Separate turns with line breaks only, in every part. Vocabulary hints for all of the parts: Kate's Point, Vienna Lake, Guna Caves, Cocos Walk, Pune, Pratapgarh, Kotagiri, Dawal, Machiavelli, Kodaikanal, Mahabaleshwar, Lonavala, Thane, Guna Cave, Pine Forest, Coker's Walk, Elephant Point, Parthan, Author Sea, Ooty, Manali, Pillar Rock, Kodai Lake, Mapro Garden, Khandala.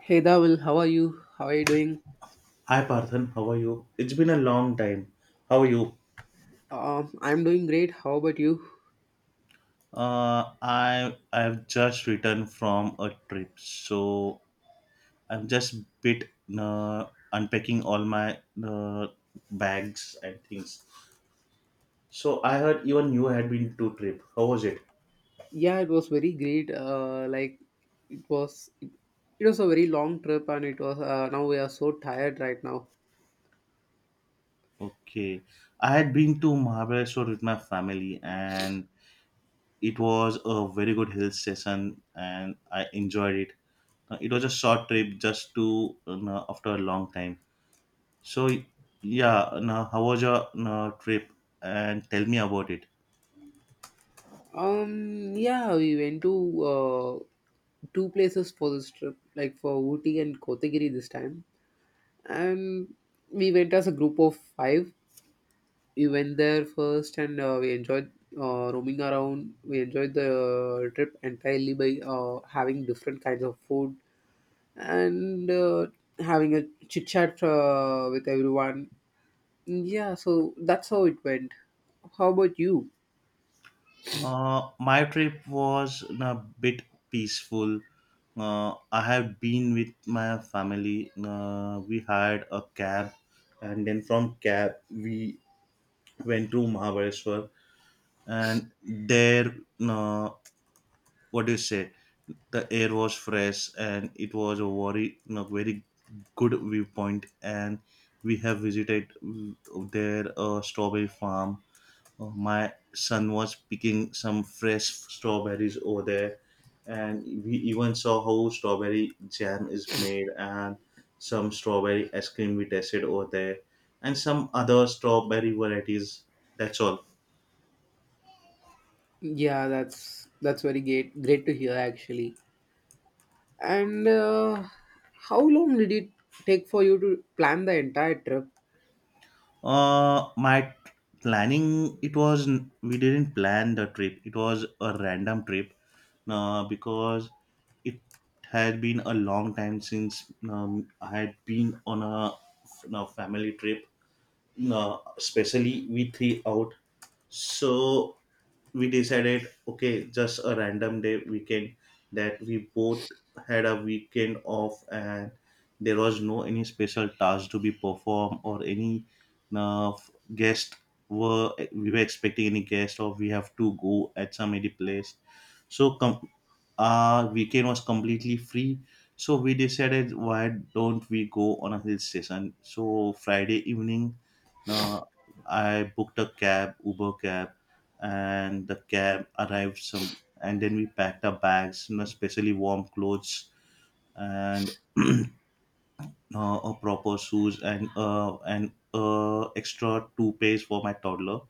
Hey Dawal, how are you? How are you doing?
Hi Parthan, how are you? It's been a long time. How are you?
I'm doing great. How about you?
I've just returned from a trip, so I'm just bit uh, unpacking all my uh, bags and things. So I heard even you had been to trip. How was it?
Yeah, it was very great. Like it was a very long trip, and it was. Now we are so tired right now.
Okay, I had been to Mahabaleshwar with my family, and it was a very good hill station, and I enjoyed it. It was a short trip, just to after a long time. So yeah, now how was your trip? And tell me about it.
Yeah, we went to uh, two places for this trip, like for Ooty and Kotagiri this time, and we went as a group of five. We went there first and we enjoyed roaming around. We enjoyed the trip entirely by having different kinds of food and having a chit chat with everyone. Yeah, so that's how it went. How about you?
My trip was a bit peaceful. I have been with my family. We hired a cab, and then from cab we went to Mahabaleshwar, and there, uh, what do you say, the air was fresh and it was a very good viewpoint, and we have visited there a strawberry farm. My son was picking some fresh strawberries over there, and we even saw how strawberry jam is made, and some strawberry ice cream we tasted over there, and some other strawberry varieties, that's all.
Yeah, that's very great. Great to hear actually. And how long did it take for you to plan the entire trip?
My planning it was we didn't plan the trip, it was a random trip, because it had been a long time since I had been on on a family trip. No, especially we three out. So we decided, okay, just a random day weekend that we both had a weekend off, and there was no any special task to be performed or any guest, were we were expecting any guest, or we have to go at some any place. So our weekend was completely free. So we decided, why don't we go on a hill station? So Friday evening now, I booked a cab, Uber cab, and the cab arrived some, and then we packed our bags, you know, especially warm clothes and a proper shoes and extra toothpaste for my toddler.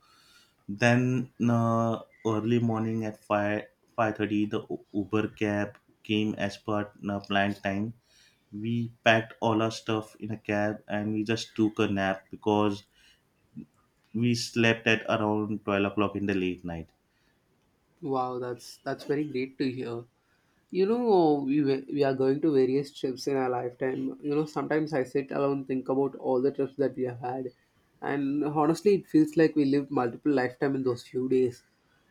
Then early morning at five thirty, the Uber cab came as per planned time. We packed all our stuff in a cab and we just took a nap because we slept at around 12 o'clock in the late night.
Wow, that's very great to hear. You know, we are going to various trips in our lifetime. You know, sometimes I sit alone think about all the trips that we have had. And honestly, it feels like we lived multiple lifetime in those few days.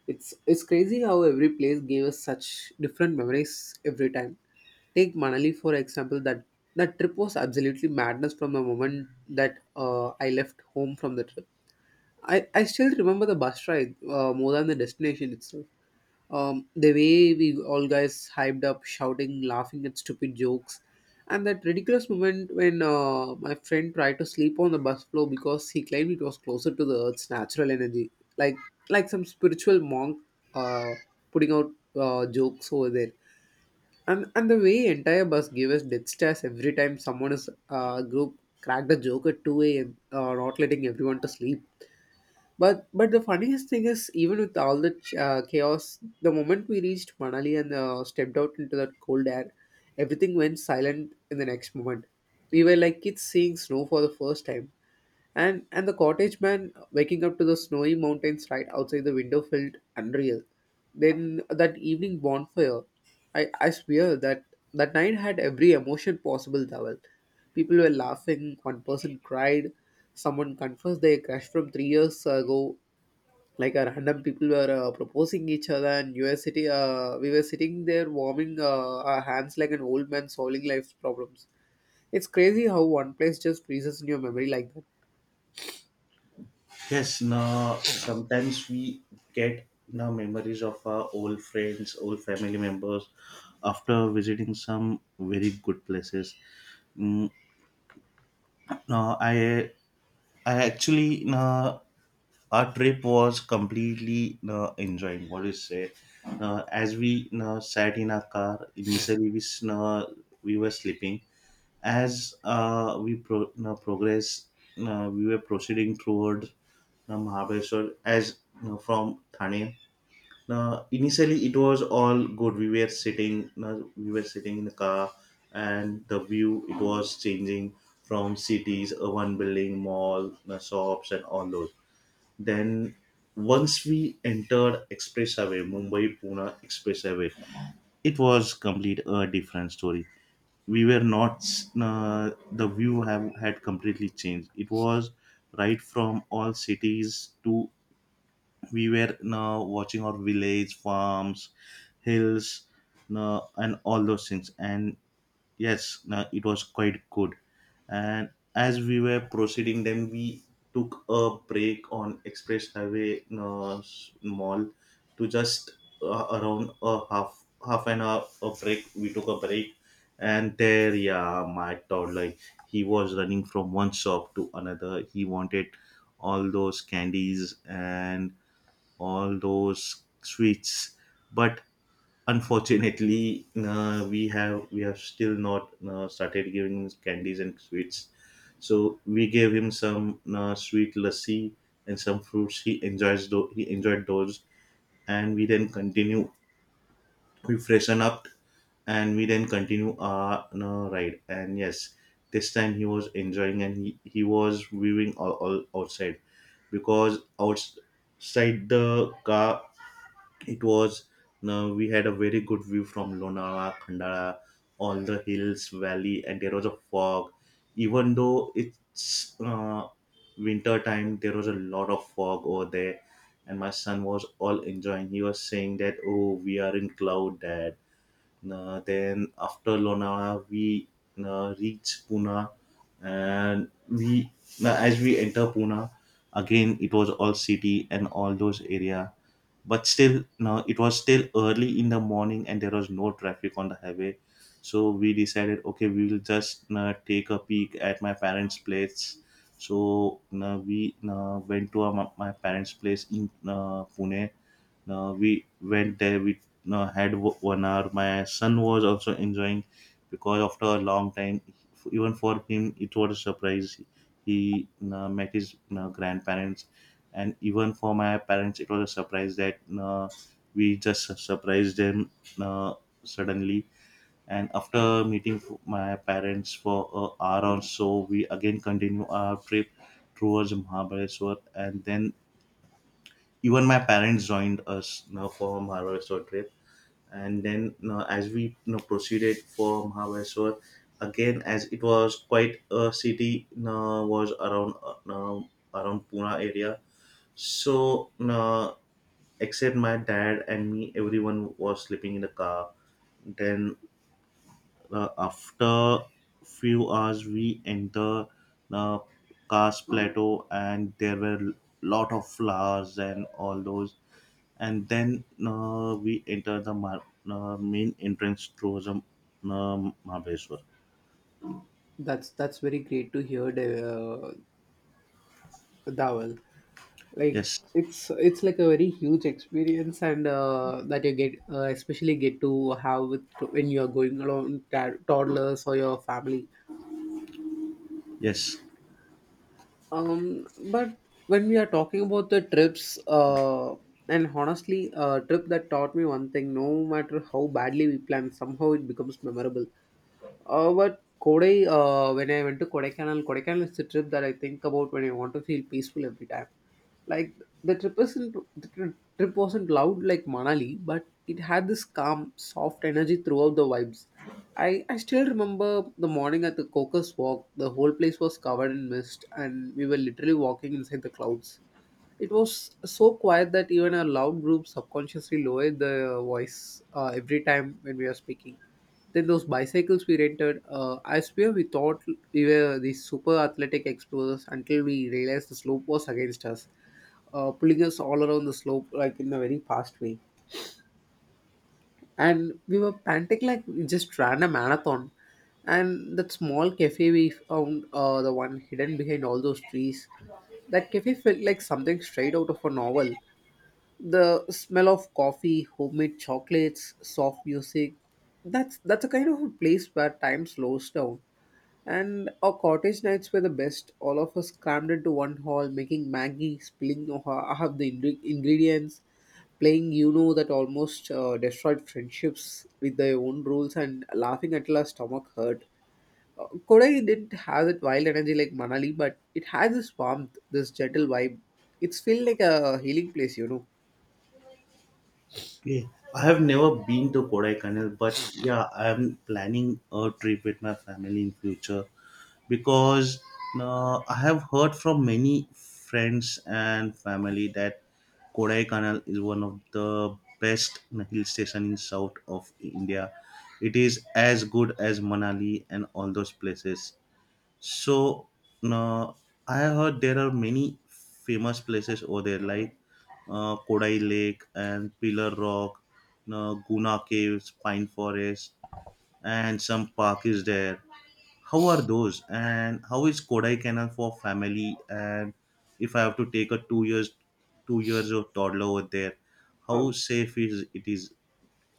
It's crazy how every place gave us such different memories every time. Take Manali, for example, that trip was absolutely madness from the moment that I left home from the trip. I still remember the bus ride more than the destination itself. The way we all guys hyped up, shouting, laughing at stupid jokes, and that ridiculous moment when my friend tried to sleep on the bus floor because he claimed it was closer to the earth's natural energy, like like some spiritual monk uh, putting out jokes over there. And the way entire bus gave us death stares every time someone is group cracked a joke at 2 a.m, not letting everyone to sleep. But the funniest thing is, even with all the chaos, the moment we reached Manali and stepped out into that cold air, everything went silent in the next moment. We were like kids seeing snow for the first time. And the cottage man waking up to the snowy mountains right outside the window felt unreal. Then that evening bonfire, I swear that night had every emotion possible, Dhaval. People were laughing, one person cried, someone confessed their crush from 3 years ago. Like a random people were proposing each other, and we were sitting there warming our hands like an old man solving life's problems. It's crazy how one place just freezes in your memory like that.
Yes, now sometimes we get now memories of our old friends, old family members after visiting some very good places. mm, Now i actually, now our trip was completely now enjoying, what do you say, now as we now sat in our car, initially we were sleeping. As now progress, now we were proceeding toward the Mahabaleshwar as now from Thane. Now, initially it was all good. Now we were sitting in the car, and the view it was changing from cities, urban building, mall, now shops, and all those. Then once we entered express highway, mumbai pune express highway, it was complete a different story. We were not, the view have had completely changed. It was right from all cities to we were now watching our village farms, hills, no, and all those things. And yes, no, it was quite good. And as we were proceeding, then we took a break on express highway, no, mall, to just around a half an hour a break, we took a break. And there, yeah, my toddler, he was running from one shop to another, he wanted all those candies and all those sweets. But unfortunately, we have still not started giving candies and sweets. So we gave him some sweet lassi and some fruits, he he enjoyed those. And we then continue, we freshen up, and we then continue our, you know, ride. And yes, this time he was enjoying, and he was viewing all outside. Because outside the car it was, we had a very good view from Lonavala, Khandala, all the hills, valley, and there was a fog. Even though it's winter time, there was a lot of fog over there, and my son was all enjoying. He was saying that, "Oh, we are in cloud, Dad." Then after Lonavala, we reached Pune. And we, as we enter Pune, again it was all city and all those area. But still, no, it was still early in the morning and there was no traffic on the highway, so we decided, okay, we will just take a peek at my parents place. So we went to my parents place in pune. Now we went there. We 1 hour. My son was also enjoying because after a long time, even for him, it was a surprise. He met his grandparents. And even for my parents, it was a surprise that, we just surprised them uh, suddenly. And after meeting my parents for an hour or so, we again continue our trip towards Mahabaleshwar. And then even my parents joined us, you know, for Maharashtra trip. And then, you know, as we, you know, proceeded for Maharashtra, again as it was quite a city, you know, was around around Pune area. So, you know, except my dad and me, everyone was sleeping in the car. Then after few hours, we enter the Kars plateau, and there were lot of flowers and all those. And then we enter the mar- main entrance through the Mahabeshwar.
That's very great to hear, uh, Dawal. Like
Yes,
it's like a very huge experience, and that you get especially get to have with, when you are going along toddlers or your family.
yes.
But when we are talking about the trips, and honestly, a trip that taught me one thing: no matter how badly we plan, somehow it becomes memorable. But when I went to Kodaikanal, Kodaikanal is the trip that I think about when I want to feel peaceful every time. Like the trip wasn't the tri- trip wasn't loud like Manali, but it had this calm, soft energy throughout the vibes. I still remember the morning at the Cocos Walk. The whole place was covered in mist, and we were literally walking inside the clouds. It was so quiet that even a loud group subconsciously lowered the voice every time when we were speaking. Then those bicycles we rented, I swear we thought we were these super athletic explorers until we realized the slope was against us, pulling us all around the slope like in a very fast way. And we were panting like we just ran a marathon. And that small cafe we found, the one hidden behind all those trees, that cafe felt like something straight out of a novel: the smell of coffee, homemade chocolates, soft music. That's a kind of a place where time slows down, and our cottage nights were the best, all of us crammed into one hall making maggie, spilling half the ingredients, playing that almost destroyed friendships with their own rules, and laughing until our stomach hurt. Kodai didn't have that wild energy like Manali, but it had this warmth, this gentle vibe. It's feel like a healing place.
Okay. I have never been to Kodaikanal, but yeah, I am planning a trip with my family in future, because I have heard from many friends and family that Kodaikanal is one of the best hill station in south of India. It is as good as Manali and all those places. So uh, I have heard there are many famous places over there, like Kodai Lake and Pillar Rock, Guna Caves, Pine Forest, and some park is there. How are those? And how is Kodai Canal for family? And if I have to take a 2 years of toddler over there, how safe is it is?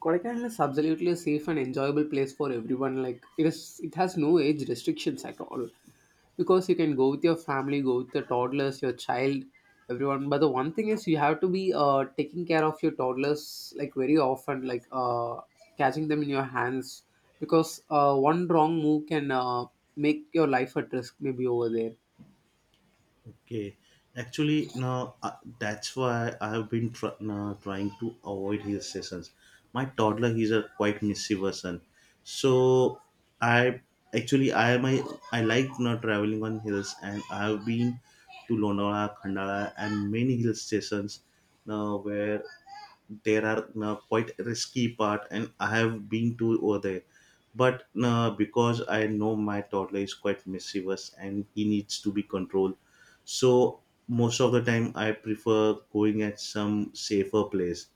Kodaikanal is absolutely a safe and enjoyable place for everyone. Like it has no age restrictions at all, because you can go with your family, go with the toddlers, your child, everyone. But the one thing is, you have to be taking care of your toddlers like very often, like catching them in your hands, because one wrong move can make your life at risk. Maybe over there.
Okay, actually, now that's why I have been now trying to avoid his sessions. My toddler, is a quite mischievous son, so I actually I am I like not traveling on hills, and I have been to Londola, Khandala, and many hill stations now where there are quite risky part, and I have been to over there. But because I know my toddler is quite mischievous and he needs to be controlled, so most of the time, I prefer going at some safer place.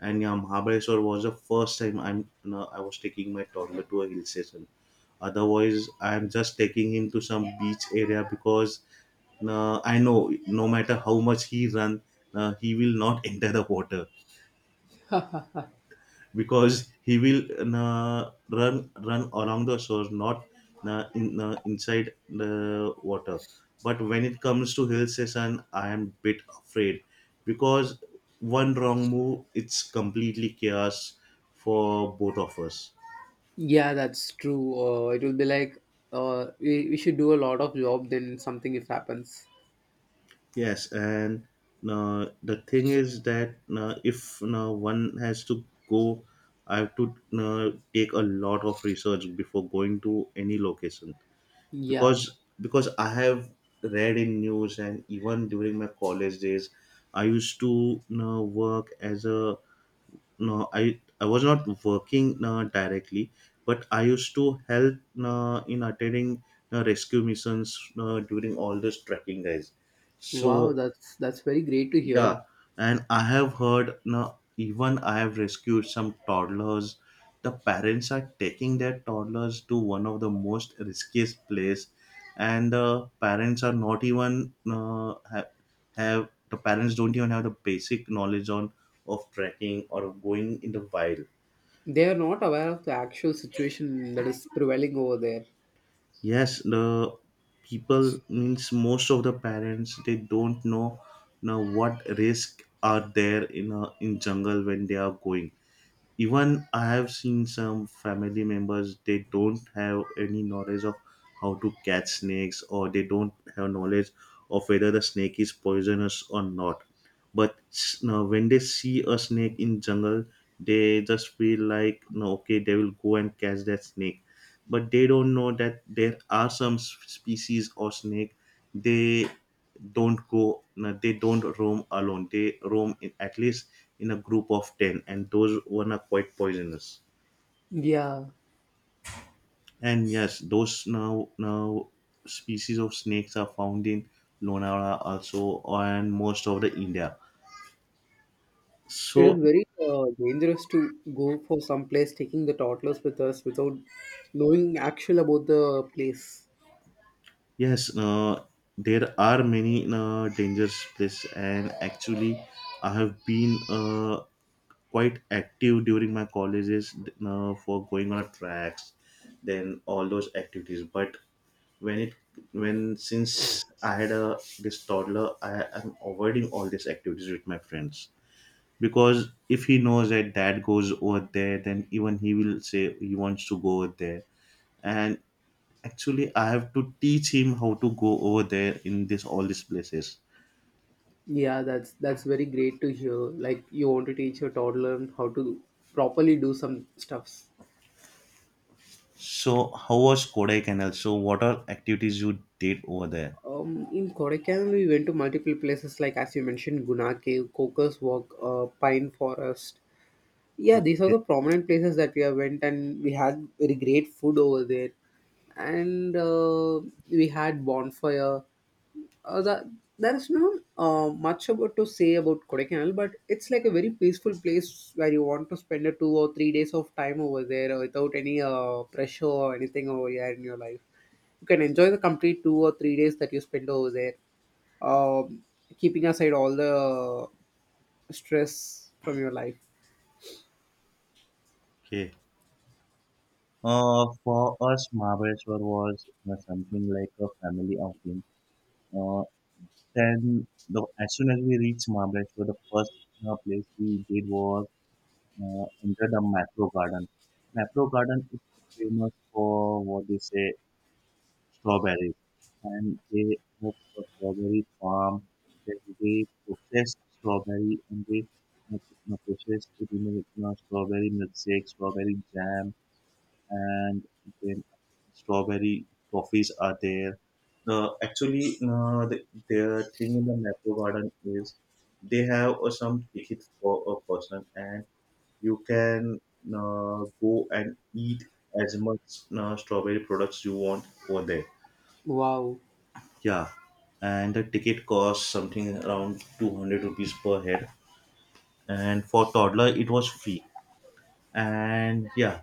And yeah, Mahabaleshwar was the first time I'm, you know, I was taking my toddler to a hill station. Otherwise, I'm just taking him to some beach area, because I know no matter how much he run, he will not enter the water. Because he will run along the shore, not inside the water. But when it comes to hill station, I am bit afraid because one wrong move, it's completely chaos for both of us.
Yeah, that's true. It will be like we should do a lot of job then something if happens.
Yes, and the thing is that, if one has to go, I have to take a lot of research before going to any location.
Yeah.
Because I have read in news, and even during my college days, I used to, you know, work as a, no, I was not working, you know, directly, but I used to help, you know, in attending, you know, rescue missions, you know, during all those trekking guys.
Wow,
So
that's very great to
yeah,
hear.
and I have heard, no, even I have rescued some toddlers. The parents are taking their toddlers to one of the most riskiest place, and the parents are not even have, the parents don't even have the basic knowledge on of trekking or going in the wild.
They are not aware of the actual situation that is prevailing over there.
Yes, the people means most of the parents they don't know now what risk are there in in jungle when they are going. Even I have seen some family members, they don't have any knowledge of how to catch snakes, or they don't have knowledge of whether the snake is poisonous or not. But now when they see a snake in jungle, they just feel like, no, okay, they will go and catch that snake. But they don't know that there are some species or snake, they don't go, they don't roam alone, they roam in, at least in a group of 10, and those one are quite poisonous.
Yeah,
And yes, those now species of snakes are found in Lonavala also and most of the India.
it is
So
very dangerous to go for some place taking the toddlers with us without knowing actual about the place.
yes, there are many dangerous places. And actually I have been quite active during my colleges, for going on tracks, then all those activities. But when it when since I had a this toddler, I am avoiding all these activities with my friends because if he knows that dad goes over there, then even he will say he wants to go over there. And actually, I have to teach him how to go over there in this all these places.
Yeah, that's very great to hear. Like you want to teach your toddler how to properly do some stuffs.
So, how was Kodaikanal? So, what are activities you did over there?
In Kodaikanal, we went to multiple places like as you mentioned, Guna Cave, Coker's Walk, Pine Forest. Yeah, these are
Okay.
the prominent places that we have went, and we had very great food over there, and we had bonfire. That there is not much about to say about Kodaikanal, but it's like a very peaceful place where you want to spend a 2 or 3 days of time over there without any pressure or anything over here in your life. You can enjoy the complete 2 or 3 days that you spend over there, um, keeping aside all the stress from your life.
Okay. For us, Mahabeshwar was something like a family outing. Uh, then, as soon as we reached Mahabeshwar, the first place we did was enter the Macro Garden. Macro Garden is famous for what they say strawberries, and they have a strawberry farm. They, they process strawberry, and they uh, process it in a strawberry milkshake, strawberry jam, and then strawberry toffees are there. Actually, their thing in the Metro Garden is they have some tickets for a person, and you can go and eat as much strawberry products you want over there.
Wow.
Yeah, and the ticket costs something around 200 rupees per head, and for toddler, it was free. And yeah,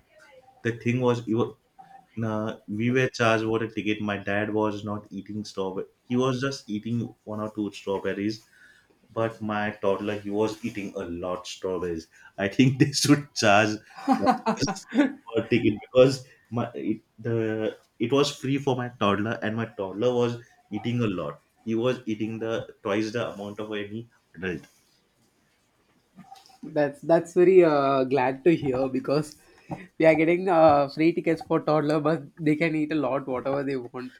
the thing was, it was nah, we were charged for a ticket. My dad was not eating strawberry. He was just eating one or two strawberries. But my toddler, he was eating a lot strawberries. I think they should charge toddlers for a ticket because my it, the it was free for my toddler, and my toddler was eating a lot. He was eating the twice the amount of any adult.
That's very glad to hear because we are getting free tickets for toddler, but they can eat a lot whatever they want.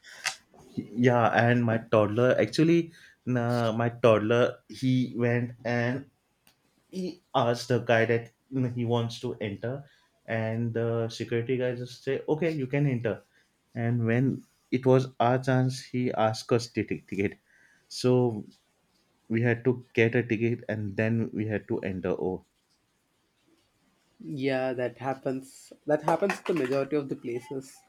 Yeah, and my toddler actually, nah, my toddler he went and he asks the guy that you know, he wants to enter, and the security guy just say okay, you can enter. And when it was our chance, he asked us to take ticket, so we had to get a ticket and then we had to enter. Oh,
Yeah, that happens. That happens at the majority of the places.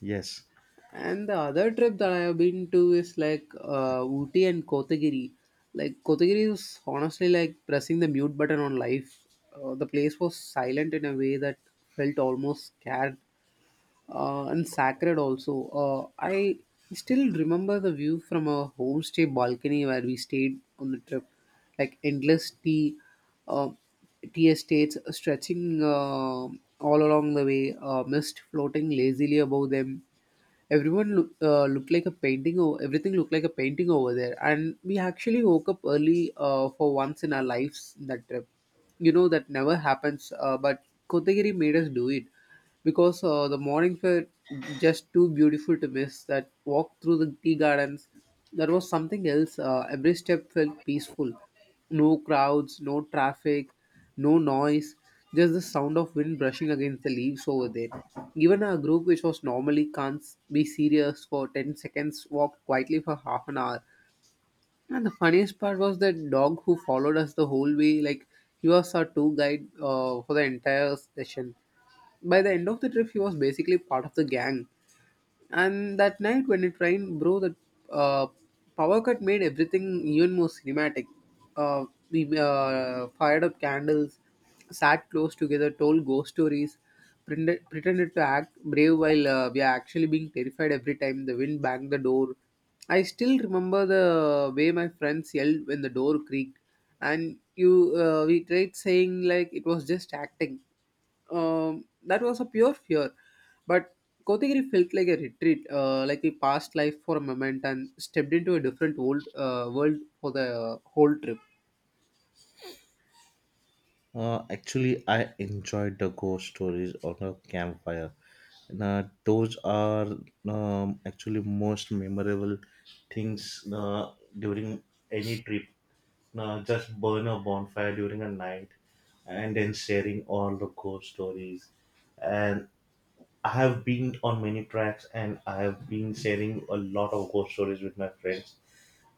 yes.
And the other trip that I have been to is like Ooty and Kotagiri. Like Kotagiri is honestly like pressing the mute button on life. The place was silent in a way that felt almost scared and sacred also. I still remember the view from a homestay balcony where we stayed on the trip, like endless uh, tea estates stretching all along the way, mist floating lazily above them. Everyone looked like a painting. Everything looked like a painting over there, and we actually woke up early for once in our lives in that trip. You know that never happens, but Kotagiri made us do it because the mornings were just too beautiful to miss. That walk through the tea gardens, that was something else. Every step felt peaceful: no crowds, no traffic, no noise, just the sound of wind brushing against the leaves over there. Even our group, which was normally can't be serious for 10 seconds, walked quietly for half an hour. And the funniest part was that dog who followed us the whole way, like he was our tour guide for the entire session. By the end of the trip, he was basically part of the gang. And that night when it rained, bro, that uh, power cut made everything even more cinematic. We fired up candles, sat close together, told ghost stories, pretended to act brave while we are actually being terrified every time the wind banged the door. I still remember the way my friends yelled when the door creaked, and you we tried saying like it was just acting. That was a pure fear. But Kotagiri felt like a retreat, like we passed life for a moment and stepped into a different world for the whole trip.
Actually, I enjoyed the ghost stories on a campfire. Now, those are actually most memorable things during any trip. Now, just burn a bonfire during a night and then sharing all the ghost stories. And I have been on many tracks and I have been sharing a lot of ghost stories with my friends,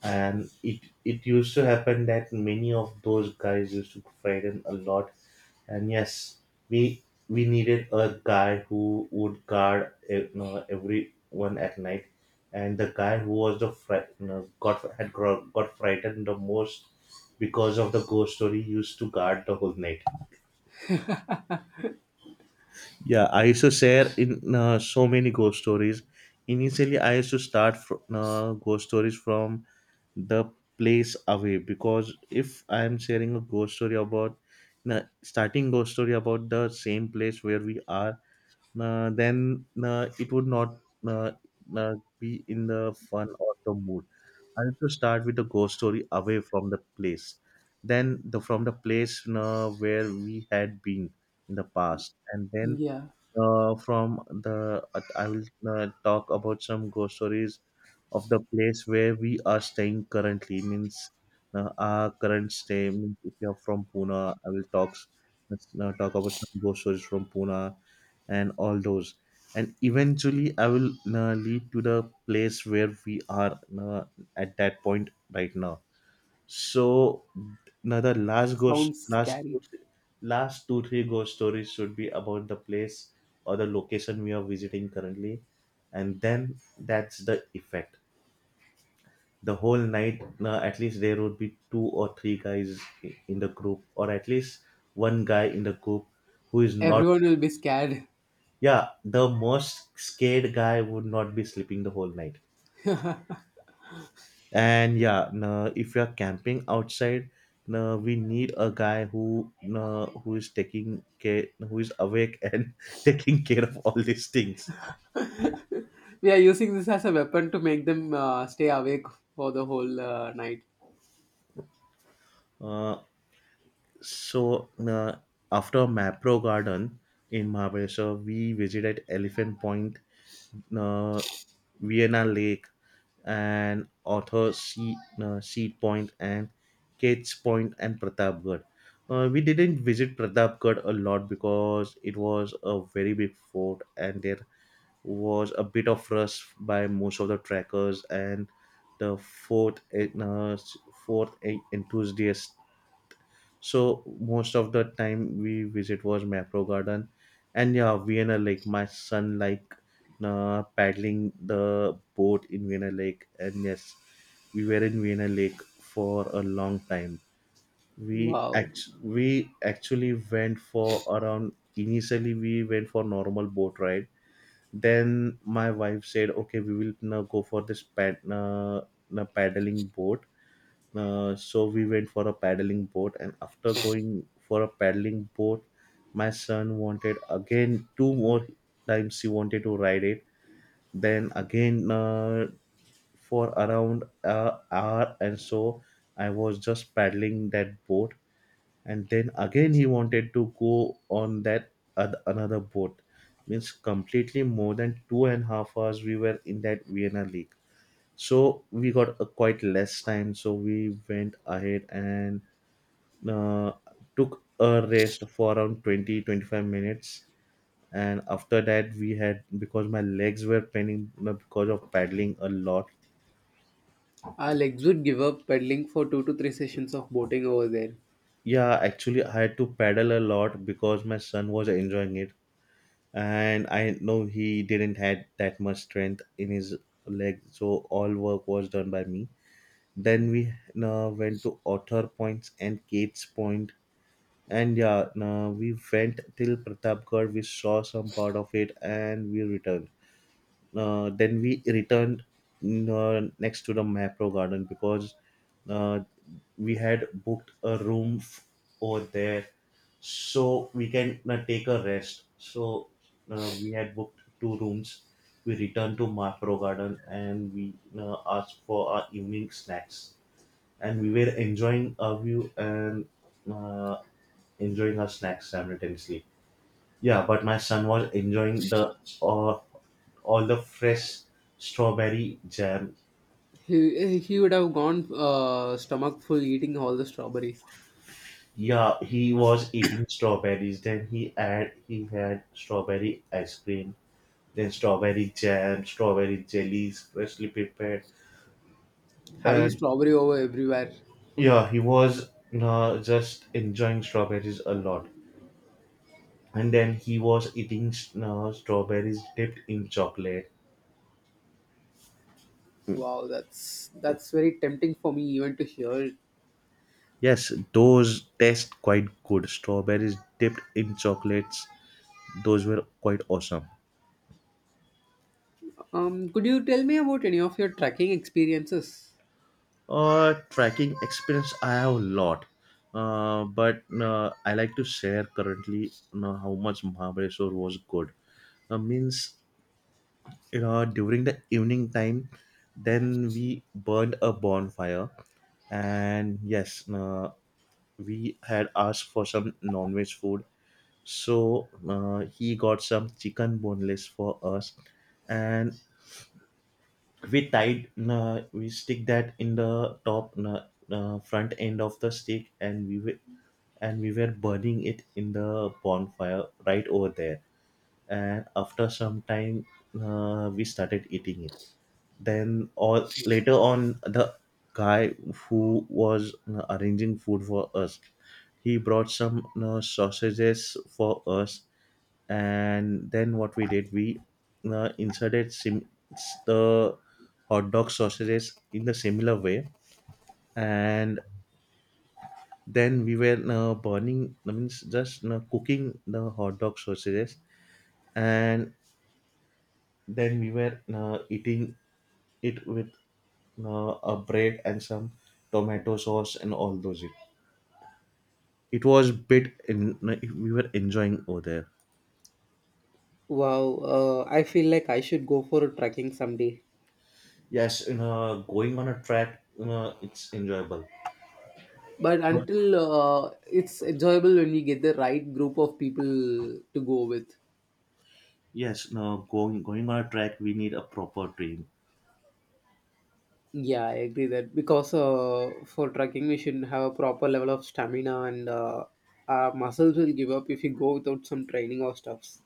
and it used to happen that many of those guys used to frighten a lot. And yes, we we needed a guy who would guard you know, everyone at night, and the guy who was you know, got frightened the most because of the ghost story used to guard the whole night. Yeah, I used to share in so many ghost stories. Initially I used to start ghost stories from the place away, because if I am sharing a ghost story about na starting ghost story about the same place where we are, na then na it would not na na be in the fun or the mood. I have to start with the ghost story away from the place, then the from the place na where we had been in the past, and then
Yeah,
from the I will talk about some ghost stories of the place where we are staying currently. Means our current stay. Means if you are from Pune, I will talk let's now talk about some ghost stories from Pune and all those. And eventually, I will lead to the place where we are at that point right now. So now the last ghost,
sounds
last
scary.
two, three, last 2-3 ghost stories should be about the place or the location we are visiting currently, and then that's the effect. The whole night, now at least there would be two or three guys in the group, or at least one guy in the group who is not.
Everyone will be scared.
Yeah, the most scared guy would not be sleeping the whole night. And yeah, no, if you are camping outside, no, we need a guy who, no, who is taking care, who is awake and taking care of all these things.
We are using this as a weapon to make them stay awake for the whole night.
Uh, So after Mapro Garden in Mahabaleshwar, we visited Elephant Point, uh, Vienna Lake, and Author Sea, Sea Point, and Kate's Point, and Pratapgarh. We didn't visit Pratapgarh a lot because it was a very big fort and there was a bit of rush by most of the trackers and the fourth enthusiast. So most of the time we visit was Mapro Garden, and yeah, Vienna Lake. My son like paddling the boat in Vienna Lake, and yes, we were in Vienna Lake for a long time. We
Wow.
act we actually went for around initially we went for normal boat ride. Then my wife said, "Okay, we will now go for this paddling boat." So we went for a paddling boat, and after going for a paddling boat, my son wanted again two more times he wanted to ride it. Then again for around an hour and so, I was just paddling that boat, and then again he wanted to go on that another boat. Means completely more than 2.5 hours we were in that Vienna League, so we got a quite less time, so we went ahead and uh, took a rest for around 20-25 minutes, and after that we had because my legs were paining because of paddling a lot.
Our legs would give up pedaling for two to three sessions of boating over there.
Yeah, actually I had to paddle a lot because my son was enjoying it, and I know he didn't had that much strength in his leg, so all work was done by me. Then we went to otter points and Kate's point, and yeah, we went till Pratapgarh, we saw some part of it, and we returned. Then we returned, next to the Macro Garden, because uh, we had booked a room over there so we can take a rest. So we had booked two rooms. We returned to Macro Garden and we asked for our evening snacks. And we were enjoying our view and uh, enjoying our snacks simultaneously. Yeah, but my son was enjoying the uh, all the fresh strawberry jam.
He would have gone stomach full eating all the strawberries.
Yeah, he was eating strawberries. Then he had strawberry ice cream, then strawberry jam, strawberry jellies, freshly prepared.
Having
And
strawberry over everywhere.
yeah, he was just enjoying strawberries a lot. And then he was eating strawberries dipped in chocolate.
Wow, that's very tempting for me even to hear.
Yes, those taste quite good. Strawberries dipped in chocolates. Those were quite awesome.
Um, could you tell me about any of your trekking experiences?
Tracking experience, I have a lot, but I like to share currently, you know, how much Mahabaleshwar was good. Means you know during the evening time, then we burned a bonfire, and yes, we had asked for some non-veg food, so he got some chicken boneless for us, and we tied, we stick that in the top front end of the stick, and we were burning it in the bonfire right over there. And after some time, we started eating it. Then or later on, the guy who was arranging food for us, he brought some sausages for us. And then what we did, we inserted the hot dog sausages in the similar way. And then we were burning, I means, just cooking the hot dog sausages, and then we were eating it with a bread and some tomato sauce and all those. It was bit in, we were enjoying over there.
Wow, I feel like I should go for a trekking someday.
Yes, in going on a track, it's enjoyable.
But until it's enjoyable when we get the right group of people to go with.
Yes, no, going on a track, we need a proper team.
Yeah, I agree that because for trekking we should have a proper level of stamina and our muscles will give up if you go without some training or stuffs.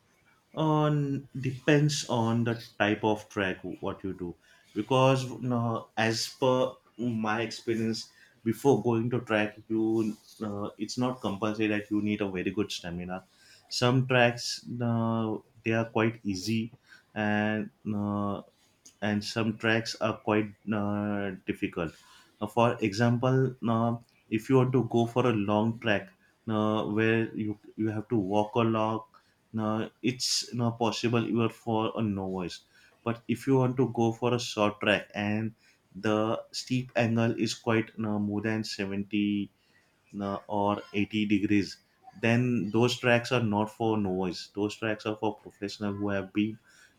On depends on the type of track what you do, because no, as per my experience, before going to track, you it's not compulsory that you need a very good stamina. Some tracks, they are quite easy, and uh, and some tracks are quite difficult. For example, if you want to go for a long track where you have to walk a lot, it's not possible even for a novice. But if you want to go for a short track and the steep angle is quite more than 70 or 80 degrees, then those tracks are not for novice, those tracks are for professional who have been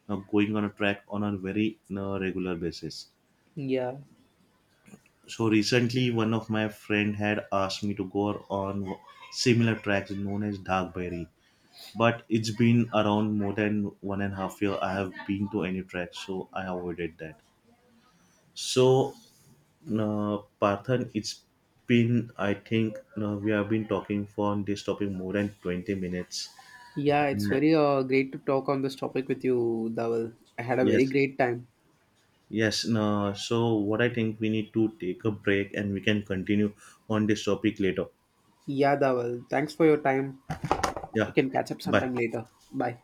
going on a track on a very regular basis.
Yeah.
So recently one of my friend had asked me to go on similar tracks known as darkberry, but it's been around more than 1.5 year I have been to any track, so I avoided that. So no, Parthan, it's been, I think, no, we have been talking for this topic more than 20 minutes.
Yeah, it's
And
very great to talk on this topic with you, Dawal. I had a very
yes,
great time.
yes, no, so what I think, we need to take a break and we can continue on this topic later.
Yeah, Dawal. Thanks for your time. We
Yeah,
can catch up
bye.
sometime later. Bye.